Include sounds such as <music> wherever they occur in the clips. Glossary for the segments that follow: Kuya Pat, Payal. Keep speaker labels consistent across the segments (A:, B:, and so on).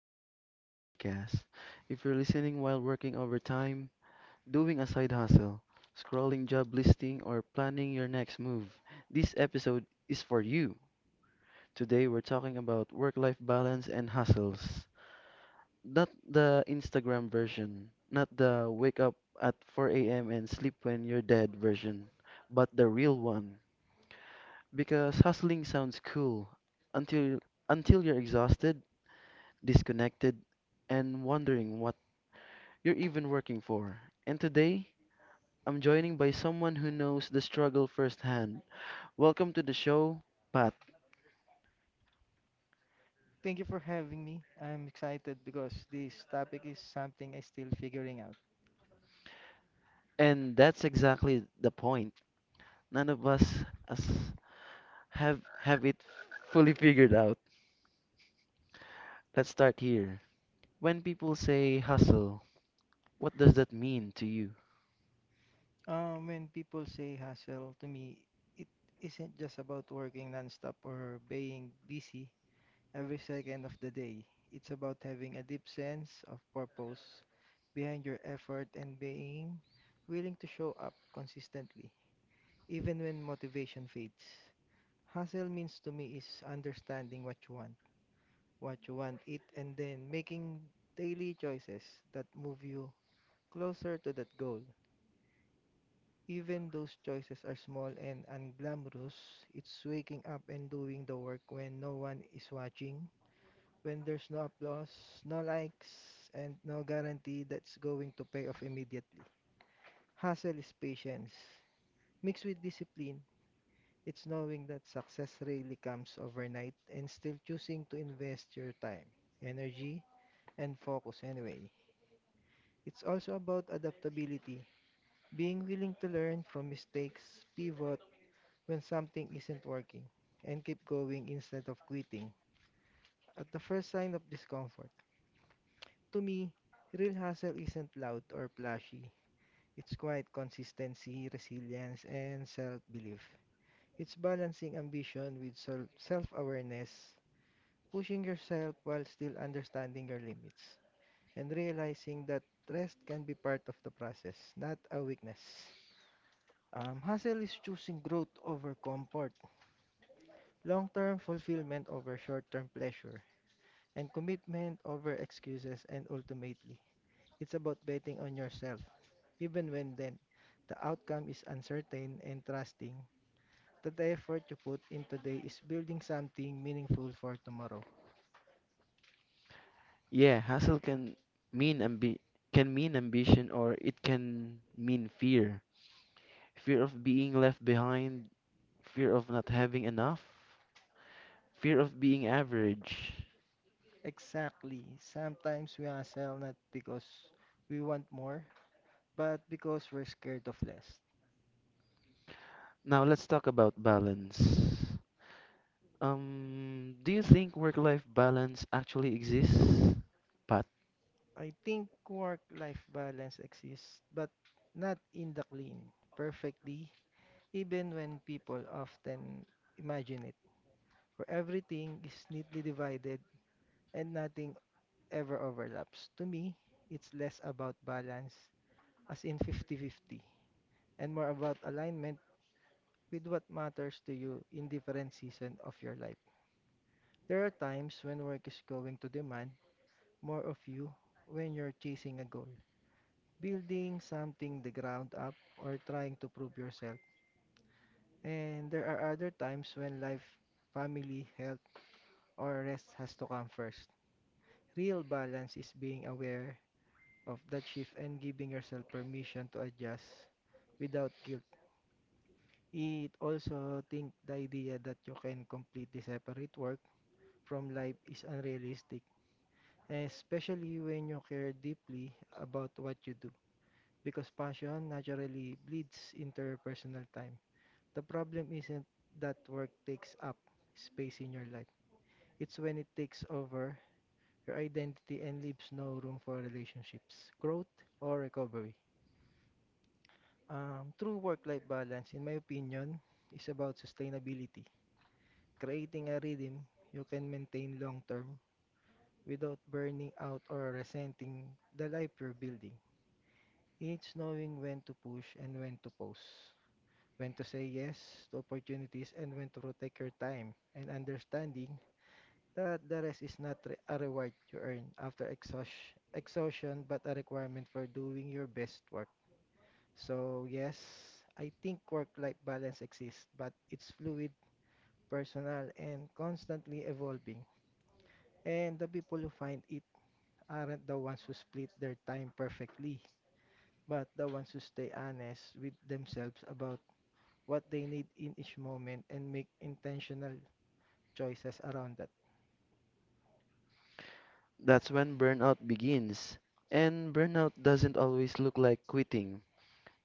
A: welcome back to the podcast. If you're listening while working overtime, doing a side hustle, scrolling job listing, or planning your next move, this episode is for you. Today, we're talking about work life balance and hustles. Not the Instagram version, not the wake up at 4 a.m. and sleep when you're dead version, but the real one. Because hustling sounds cool until until you're exhausted, disconnected, and wondering what you're even working for. And today, I'm joining by someone who knows the struggle firsthand. Welcome to the show, Pat.
B: Thank you for having me. I'm excited because this topic is something I'm still figuring out.
A: And that's exactly the point. None of us as- have it fully figured out. Let's start here. When people say hustle, what does that mean to you?
B: When people say hustle, to me, it isn't just about working nonstop or being busy every second of the day. It's about having a deep sense of purpose behind your effort and being willing to show up consistently, even when motivation fades. Hustle means to me is understanding what you want it, and then making daily choices that move you closer to that goal. Even those choices are small and unglamorous, it's waking up and doing the work when no one is watching, when there's no applause, no likes, and no guarantee that's going to pay off immediately. Hustle is patience. Mixed with discipline, it's knowing that success rarely comes overnight and still choosing to invest your time, energy, and focus anyway. It's also about adaptability, being willing to learn from mistakes, pivot when something isn't working, and keep going instead of quitting at the first sign of discomfort. To me, real hustle isn't loud or flashy. It's quiet consistency, resilience, and self-belief. It's balancing ambition with self-awareness, pushing yourself while still understanding your limits, and realizing that rest can be part of the process, not a weakness. Hustle is choosing growth over comfort, long-term fulfillment over short-term pleasure, and commitment over excuses and ultimately, it's about betting on yourself, even when the outcome is uncertain and trusting that the effort you put in today is building something meaningful for tomorrow.
A: Yeah, hustle can mean ambi- can mean ambition, or it can mean fear. Fear of being left behind, fear of not having enough, fear of being average.
B: Exactly. Sometimes we hustle not because we want more, but because we're scared of less.
A: Now let's talk about balance. Do you think work-life balance actually exists? But
B: I think work-life balance exists, but not in the clean, perfectly, even when people often imagine it, where everything is neatly divided and nothing ever overlaps. To me, it's less about balance, as in 50-50, and more about alignment with what matters to you in different season of your life. There are times when work is going to demand more of you when you're chasing a goal, building something the ground up or trying to prove yourself. And there are other times when life, family, health, or rest has to come first. Real balance is being aware of that shift and giving yourself permission to adjust without guilt. It also think the idea that you can completely separate work from life is unrealistic, especially when you care deeply about what you do because passion naturally bleeds into your personal time. The problem isn't that work takes up space in your life. It's when it takes over your identity and leaves no room for relationships, growth, or recovery. True work-life balance, in my opinion, is about sustainability, creating a rhythm you can maintain long-term without burning out or resenting the life you're building. It's knowing when to push and when to pause when to say yes to opportunities and when to protect your time and understanding that the rest is not a reward you earn after exhaustion, but a requirement for doing your best work. So yes, I think work-life balance exists, but it's fluid, personal, and constantly evolving. And the people who find it aren't the ones who split their time perfectly, but the ones who stay honest with themselves about what they need in each moment and make intentional choices around that.
A: that's when burnout begins. And burnout doesn't always look like quitting.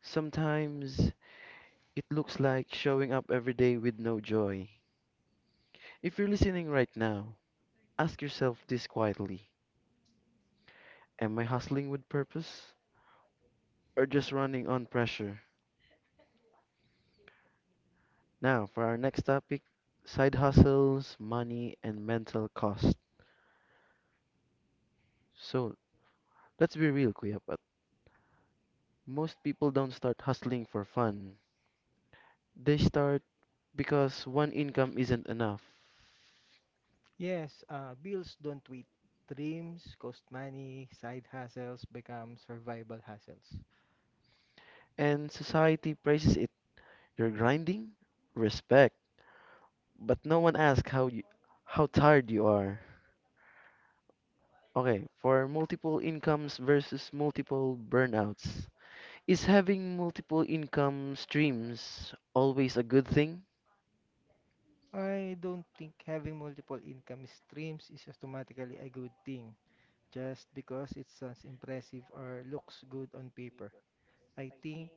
A: Sometimes it looks like showing up every day with no joy. If you're listening right now, ask yourself this quietly. Am I hustling with purpose? Or just running on pressure? Now, for our next topic, side hustles, money, and mental cost. So, let's be real, Kuya Pat. Most people don't start hustling for fun, they start because one income isn't enough,
B: Yes, bills don't wait. Dreams cost money, side hustles become survival hustles.
A: and society praises it. You're grinding? Respect. But no one asks how, you, how tired you are. Okay, for multiple incomes versus multiple burnouts. Is having multiple income streams always a good thing?
B: I don't think having multiple income streams is automatically a good thing just because it sounds impressive or looks good on paper. I think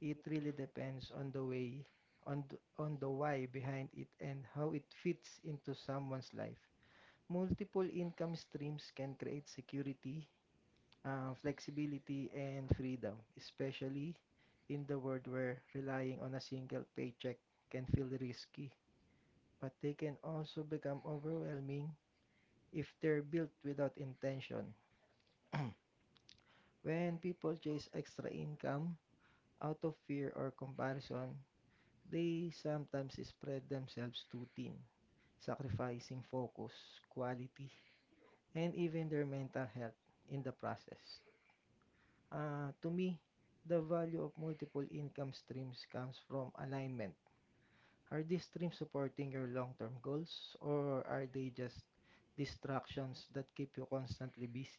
B: it really depends on the way, on th- on the why behind it and how it fits into someone's life. Multiple income streams can create security, flexibility and freedom, especially in the world where relying on a single paycheck can feel risky. But they can also become overwhelming if they're built without intention. <clears throat> When people chase extra income out of fear or comparison, they sometimes spread themselves too thin, sacrificing focus, quality, and even their mental health in the process. To me, the value of multiple income streams comes from alignment. Are these streams supporting your long-term goals, or are they just distractions that keep you constantly busy?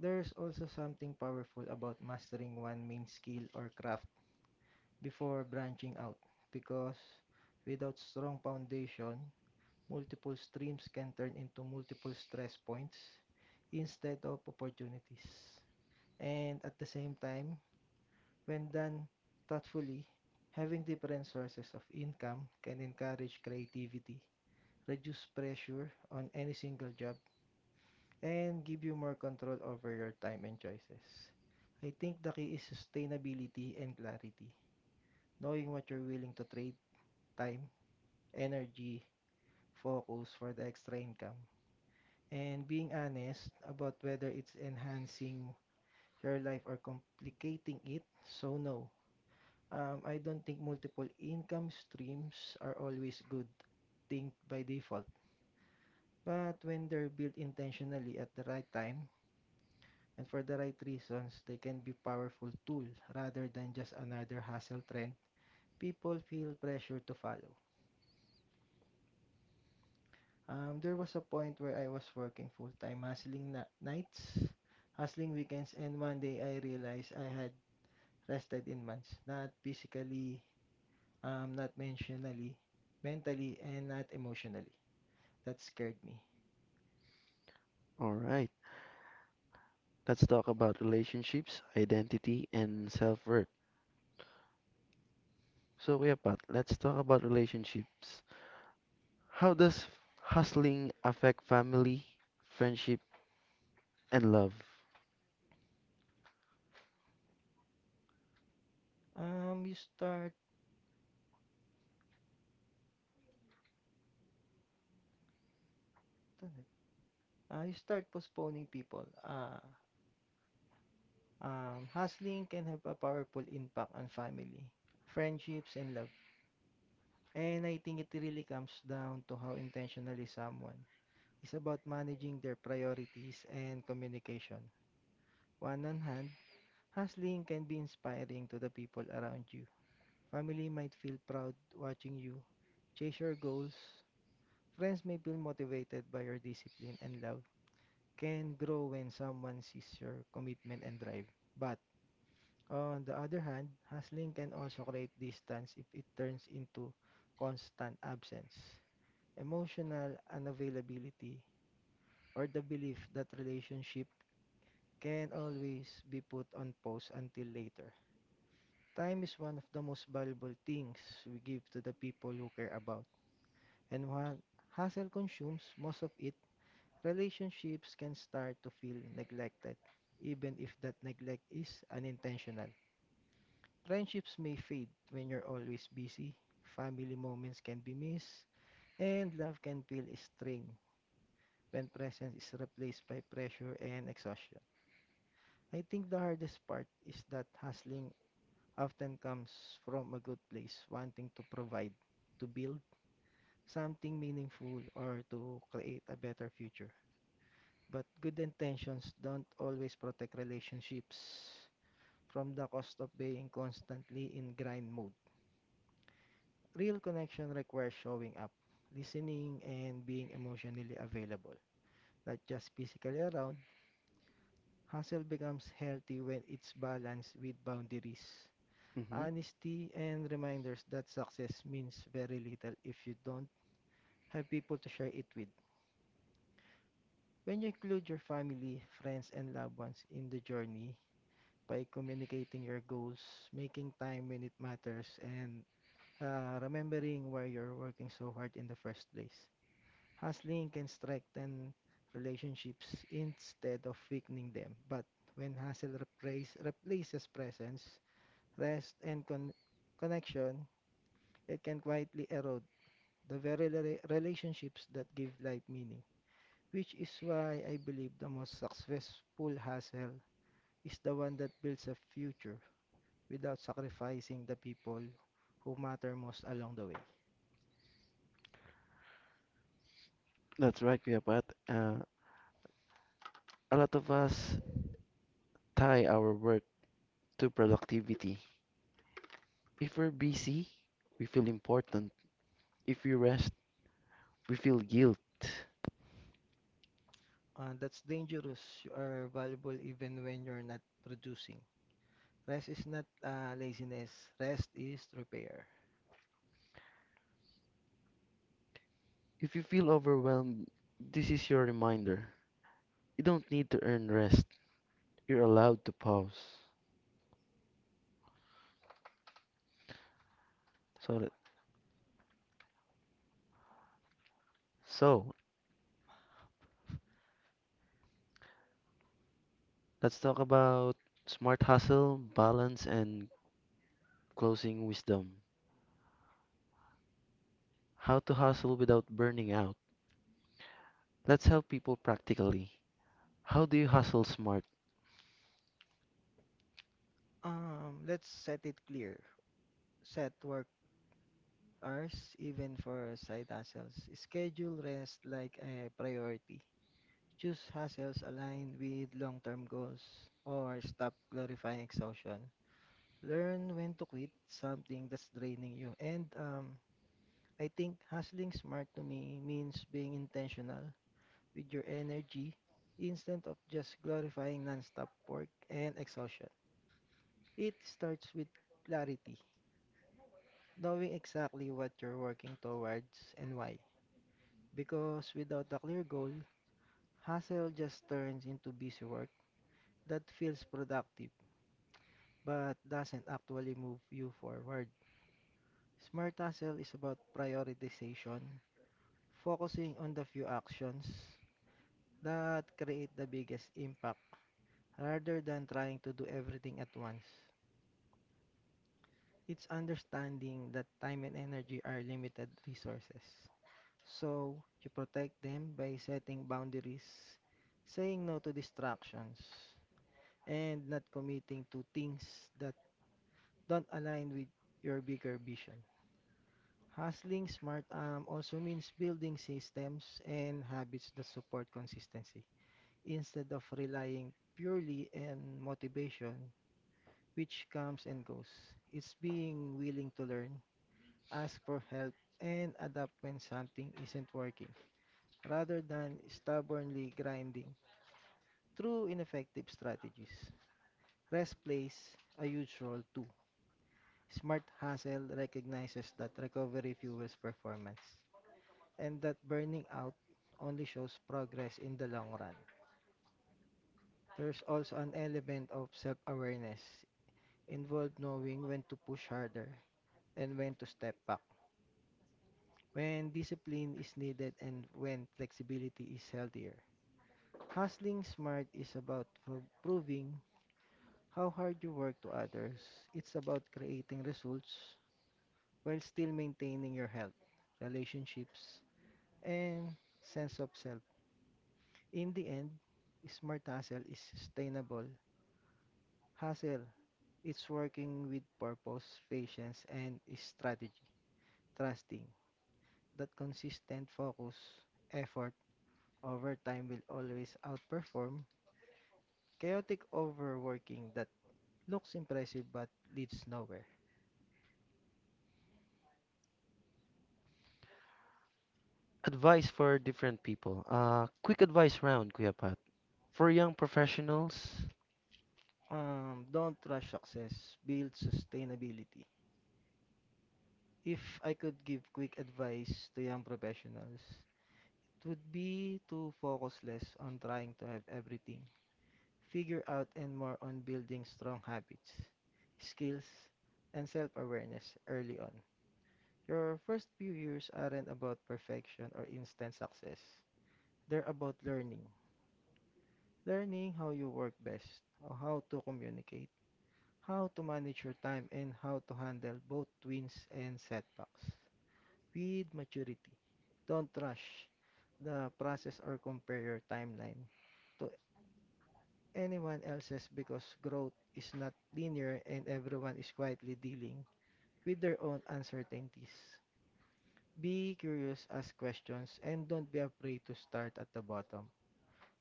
B: There's also something powerful about mastering one main skill or craft before branching out, because without strong foundation, multiple streams can turn into multiple stress points instead of opportunities. And at the same time, when done thoughtfully, having different sources of income can encourage creativity, reduce pressure on any single job, and give you more control over your time and choices. I think the key is sustainability and clarity, knowing what you're willing to trade time, energy, focus for the extra income, and being honest about whether it's enhancing your life or complicating it. So, no, I don't think multiple income streams are always good thing by default. But when they're built intentionally at the right time and for the right reasons, they can be powerful tool rather than just another hustle trend people feel pressure to follow. There was a point where I was working full-time, hustling nights, hustling weekends, and one day I realized I had rested in months, not physically, not mentally, and not emotionally. That scared me.
A: Alright. Let's talk about relationships, identity, and self worth. So, yeah, Pat, let's talk about relationships. How does hustling affect family, friendship, and love?
B: Um, you start, you start postponing people. Hustling can have a powerful impact on family, friendships, and love. And I think it really comes down to how intentionally someone is about managing their priorities and communication. One on hand, hustling can be inspiring to the people around you. Family might feel proud watching you chase your goals. Friends may feel motivated by your discipline and love. Can grow when someone sees your commitment and drive. But on the other hand, hustling can also create distance if it turns into constant absence, emotional unavailability, or the belief that relationship can always be put on pause until later. Time is one of the most valuable things we give to the people who care about. And while hustle consumes most of it, relationships can start to feel neglected, even if that neglect is unintentional. Friendships may fade when you're always busy, family moments can be missed, and love can feel strained when presence is replaced by pressure and exhaustion. I think the hardest part is that hustling often comes from a good place, wanting to provide, to build something meaningful, or to create a better future. But good intentions don't always protect relationships from the cost of being constantly in grind mode. Real connection requires showing up, listening, and being emotionally available, not just physically around. Hustle becomes healthy when it's balanced with boundaries,
A: Hmm.
B: honesty, and reminders that success means very little if you don't have people to share it with. When you include your family, friends, and loved ones in the journey, by communicating your goals, making time when it matters, and remembering why you're working so hard in the first place. Hustling can strengthen relationships instead of weakening them, but when replaces presence, rest, and connection, it can quietly erode the very relationships that give life meaning. Which is why I believe the most successful hustle is the one that builds a future without sacrificing the people who matter most along the way.
A: That's right, Kuya Pat. Uh, a lot of us tie our work to productivity. If we're busy, we feel important. If we rest, we feel guilt.
B: That's dangerous. You are valuable even when you're not producing. Rest is not laziness. Rest is repair.
A: If you feel overwhelmed, this is your reminder. You don't need to earn rest. You're allowed to pause. So, let- so let's talk about smart hustle, balance, and closing wisdom. How to hustle without burning out. Let's help people practically. How do you hustle smart?
B: Let's set it clear. Set work hours even for side hustles. Schedule rest like a priority. Choose hustles aligned with long-term goals or stop glorifying exhaustion. Learn when to quit something that's draining you and I think hustling smart to me means being intentional with your energy instead of just glorifying nonstop work and exhaustion. It starts with clarity, knowing exactly what you're working towards and why. Because without a clear goal, hustle just turns into busy work that feels productive but doesn't actually move you forward. Smart hustle is about prioritization, focusing on the few actions that create the biggest impact rather than trying to do everything at once. It's understanding that time and energy are limited resources. So, you protect them by setting boundaries, saying no to distractions, and not committing to things that don't align with your bigger vision. Hustling smart also means building systems and habits that support consistency instead of relying purely on motivation which comes and goes. It's being willing to learn, ask for help, and adapt when something isn't working, rather than stubbornly grinding through ineffective strategies. Rest plays a huge role too. Smart hustle recognizes that recovery fuels performance and that burning out only shows progress in the long run. There's also an element of self awareness involved knowing when to push harder and when to step back when discipline is needed and when flexibility is healthier. Hustling smart is about proving how hard you work to others. It's about creating results while still maintaining your health, relationships, and sense of self. In the end, smart hustle is sustainable. Hustle, it's working with purpose, patience, and strategy. Trusting that consistent focus, effort, overtime will always outperform chaotic overworking that looks impressive but leads nowhere.
A: Advice for different people. Quick advice round, Kuya Pat. For young professionals,
B: Don't rush success, build sustainability. If I could give quick advice to young professionals, it would be to focus less on trying to have everything, figure out and more on building strong habits, skills, and self awareness early on. Your first few years aren't about perfection or instant success, they're about learning how you work best, or how to communicate, how to manage your time, and how to handle both wins and setbacks. With maturity, don't rush the process or compare your timeline to anyone else's because growth is not linear and everyone is quietly dealing with their own uncertainties. Be curious, ask questions, and don't be afraid to start at the bottom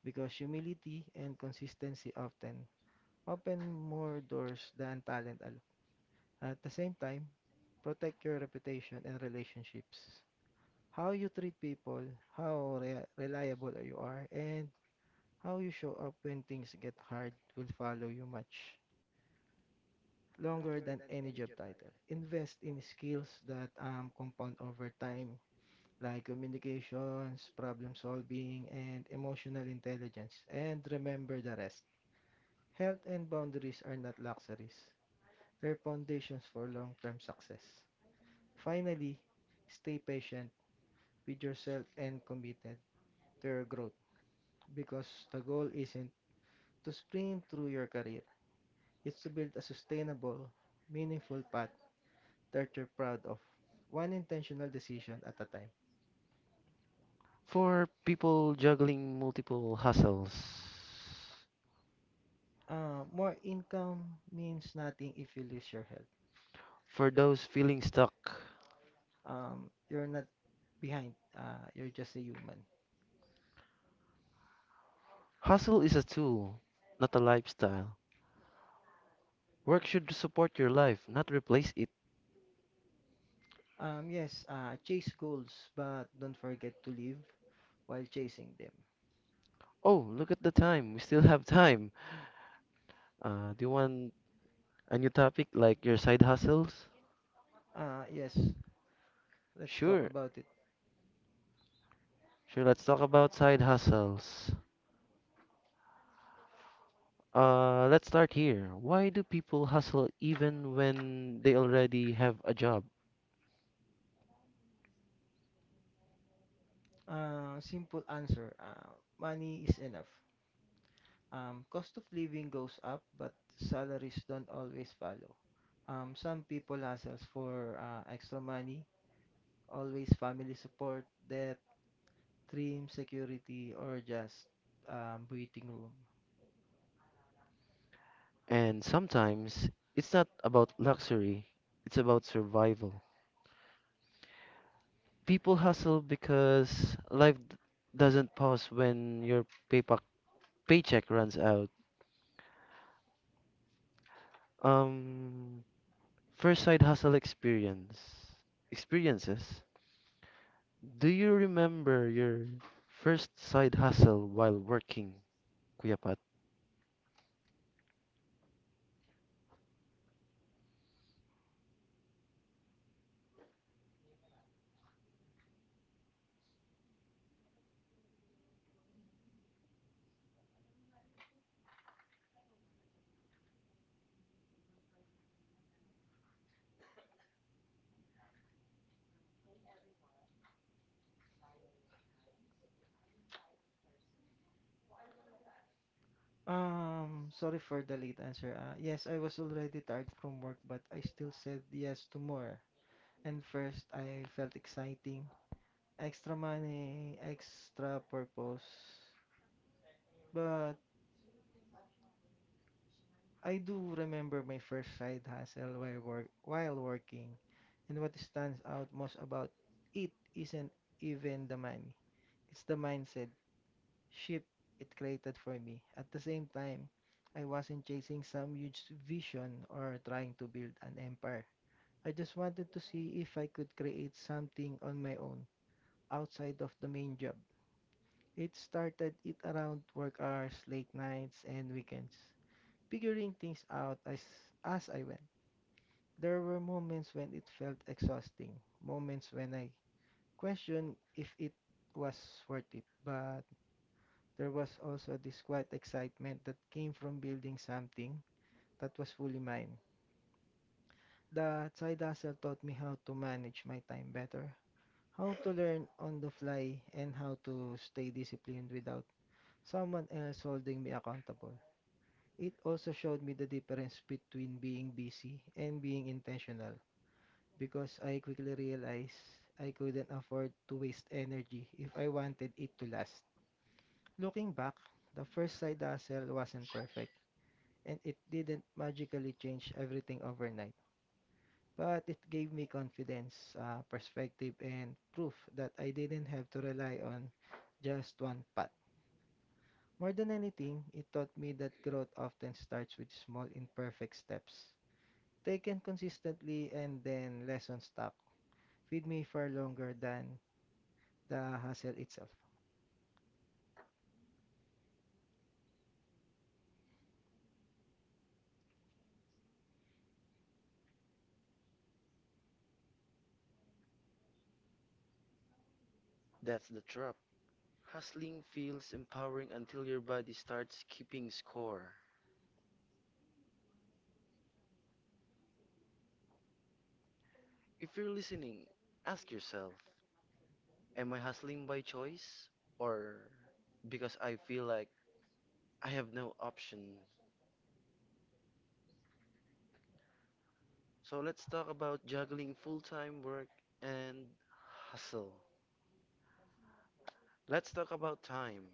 B: because humility and consistency often open more doors than talent alone. At the same time, protect your reputation and relationships. How you treat people, how reliable you are, and how you show up when things get hard will follow you much longer than any job title. Invest in skills that compound over time, like communications, problem solving, and emotional intelligence. And remember the rest. Health and boundaries are not luxuries. They're foundations for long-term success. Finally, stay patient with yourself and committed to your growth because the goal isn't to sprint through your career. It's to build a sustainable, meaningful path that you're proud of, one intentional decision at a time.
A: for people juggling multiple hustles,
B: More income means nothing if you lose your health.
A: for those feeling stuck,
B: You're not behind. You're just a human.
A: hustle is a tool, not a lifestyle. Work should support your life, not replace it.
B: Yes, chase goals, but don't forget to live while chasing them.
A: Oh, look at the time. We still have time. Do you want a new topic like your side hustles?
B: Yes, let's talk
A: Sure.
B: about it.
A: Sure, let's talk about side hustles. Let's start here. Why do people hustle even when they already have a job?
B: Simple answer. Money is enough. Cost of living goes up, but salaries don't always follow. Some people hustles for extra money, always family support, debt, dream, security, or just breathing room.
A: And sometimes it's not about luxury, it's about survival. People hustle because doesn't pause when your paycheck runs out. Um, First side hustle experience. Experiences. Do you remember your first side hustle while working, Kuya Pat?
B: Sorry for the late answer. Yes, I was already tired from work, but I still said yes to more. And first, I felt exciting. Extra money, extra purpose. But I do remember my first side hustle while working, and what stands out most about it isn't even the money. It's the mindset shift it created for me. At the same time, I wasn't chasing some huge vision or trying to build an empire. I just wanted to see if I could create something on my own outside of the main job. It started it around work hours, late nights, and weekends, figuring things out as I went. There were moments when it felt exhausting, moments when I questioned if it was worth it, but there was also this quiet excitement that came from building something that was fully mine. The side hustle taught me how to manage my time better, how to learn on the fly, and how to stay disciplined without someone else holding me accountable. It also showed me the difference between being busy and being intentional because I quickly realized I couldn't afford to waste energy if I wanted it to last. Looking back, the first side hustle wasn't perfect and it didn't magically change everything overnight. But it gave me confidence, perspective, and proof that I didn't have to rely on just one path. More than anything, it taught me that growth often starts with small, imperfect steps taken consistently and then less on stock feed me for longer than the hustle itself.
A: That's the trap. Hustling feels empowering until your body starts keeping score. If you're listening, ask yourself, am I hustling by choice or because I feel like I have no option? So let's talk about juggling full-time work and hustle. Let's talk about time.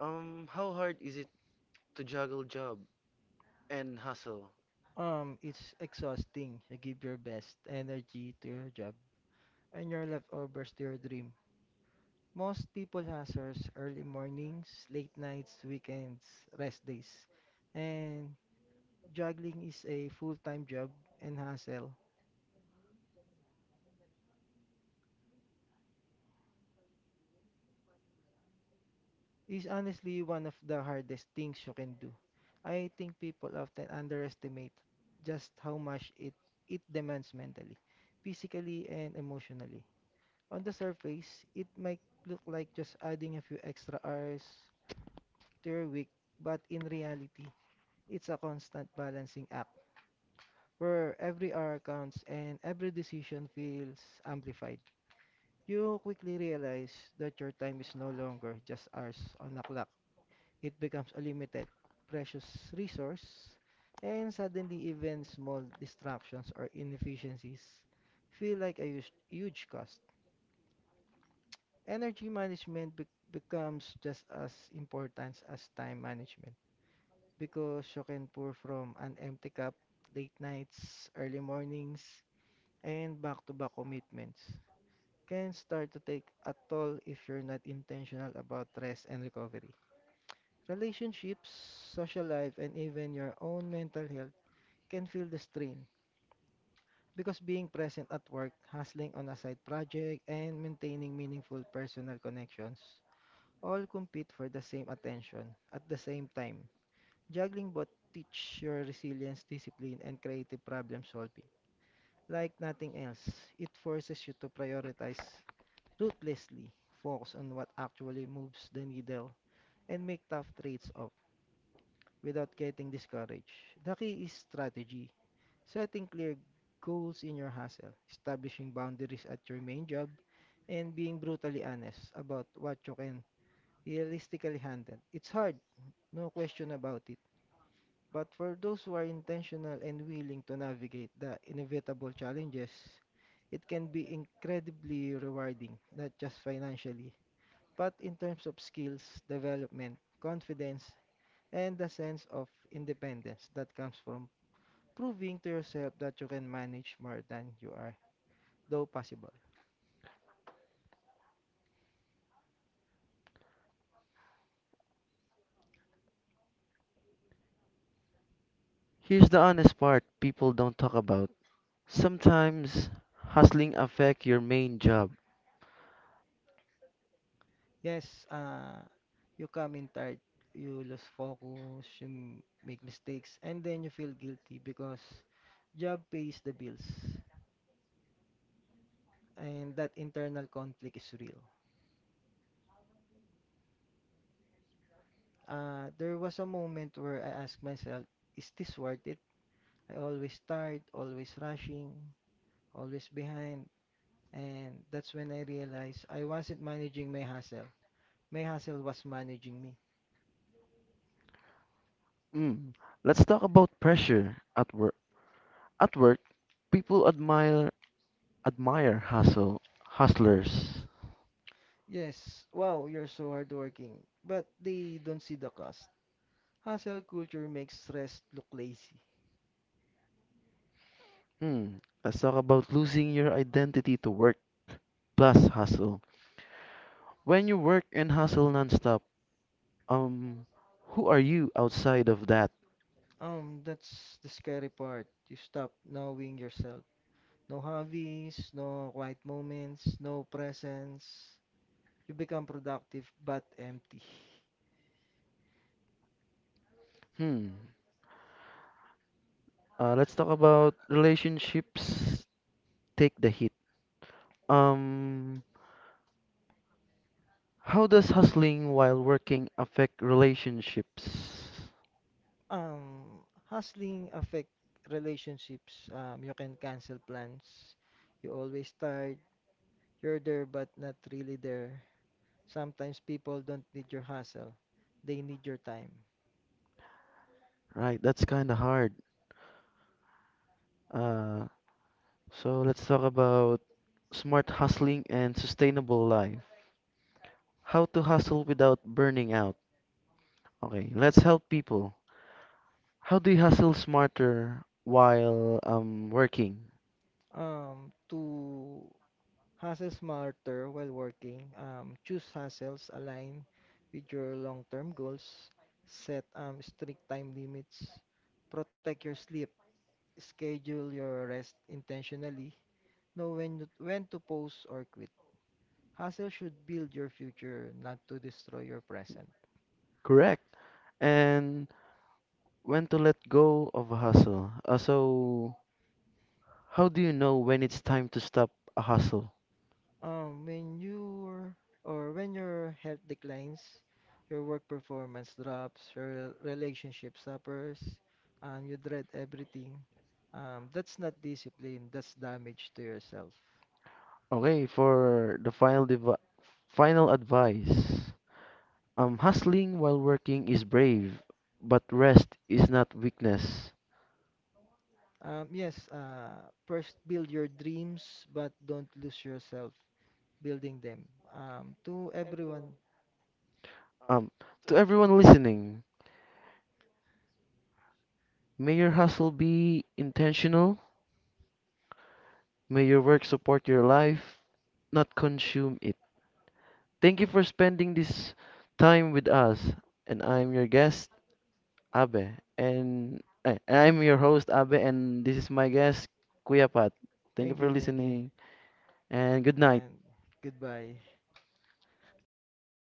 A: How hard is it to juggle job and hustle?
B: It's exhausting. You give your best energy to your job and your leftovers to your dream. Most people hustles early mornings, late nights, weekends, rest days. And juggling is a full-time job and hustle is honestly one of the hardest things you can do. I think people often underestimate just how much it demands mentally, physically, and emotionally. On the surface, it might look like just adding a few extra hours to your week, but in reality, it's a constant balancing act where every hour counts and every decision feels amplified. You quickly realize that your time is no longer just hours on a clock. It becomes a limited, precious resource, and suddenly even small disruptions or inefficiencies feel like a huge, huge cost. Energy management becomes just as important as time management because you can pour from an empty cup late nights, early mornings, and back-to-back commitments can start to take a toll if you're not intentional about rest and recovery. Relationships, social life, and even your own mental health can feel the strain because being present at work, hustling on a side project, and maintaining meaningful personal connections all compete for the same attention at the same time. Juggling both teach your resilience, discipline, and creative problem solving. Like nothing else, it forces you to prioritize ruthlessly, focus on what actually moves the needle, and make tough trades off without getting discouraged. The key is strategy, setting clear goals in your hustle, establishing boundaries at your main job, and being brutally honest about what you can realistically handle. It's hard, no question about it. But for those who are intentional and willing to navigate the inevitable challenges, it can be incredibly rewarding, not just financially, but in terms of skills, development, confidence, and the sense of independence that comes from proving to yourself that you can manage more than you are, though possible.
A: Here's the honest part people don't talk about. Sometimes hustling affect your main job.
B: Yes, you come in tired, you lose focus, you make mistakes, and then you feel guilty because job pays the bills, and that internal conflict is real. There was a moment where I asked myself, is this worth it? I always tired, always rushing, always behind, and that's when I realized I wasn't managing my hustle. My hustle was managing me.
A: Mm. Let's talk about pressure at work. At work, people admire hustlers.
B: Yes, wow, you're so hardworking. But they don't see the cost. Hustle culture makes stress look lazy.
A: Hmm. Let's talk about losing your identity to work plus hustle. When you work and hustle nonstop, um, who are you outside of that?
B: That's the scary part. You stop knowing yourself. No hobbies, no quiet moments, no presence. You become productive but empty.
A: Hmm. Let's talk about relationships take the hit. Um, how does hustling while working affect relationships?
B: Hustling affect relationships. You can cancel plans. You always tired. You're there but not really there. Sometimes people don't need your hustle. They need your time.
A: Right, that's kind of hard. Uh, so let's talk about smart hustling and sustainable life. How to hustle without burning out. Okay, let's help people. How do you hustle smarter while working?
B: To hustle smarter while working, choose hustles align with your long-term goals, set strict time limits, protect your sleep, schedule your rest intentionally, know when to pause or quit. Hustle should build your future, not to destroy your present.
A: Correct. And when to let go of a hustle. So, how do you know when it's time to stop a hustle?
B: Um, when your when your health declines, your work performance drops, your relationship suffers, you dread everything. That's not discipline, that's damage to yourself.
A: Okay, for the final advice. Hustling while working is brave, but rest is not weakness.
B: Yes, first build your dreams, but don't lose yourself building them. To everyone,
A: Um, to everyone listening, may your hustle be intentional. May your work support your life, not consume it. Thank you for spending this time with us, and I'm your guest, Abe, and, eh, I'm your host Abe, and this is my guest Kuya Pat. Thank you for
B: thank you,
A: listening, and good night.
B: and goodbye.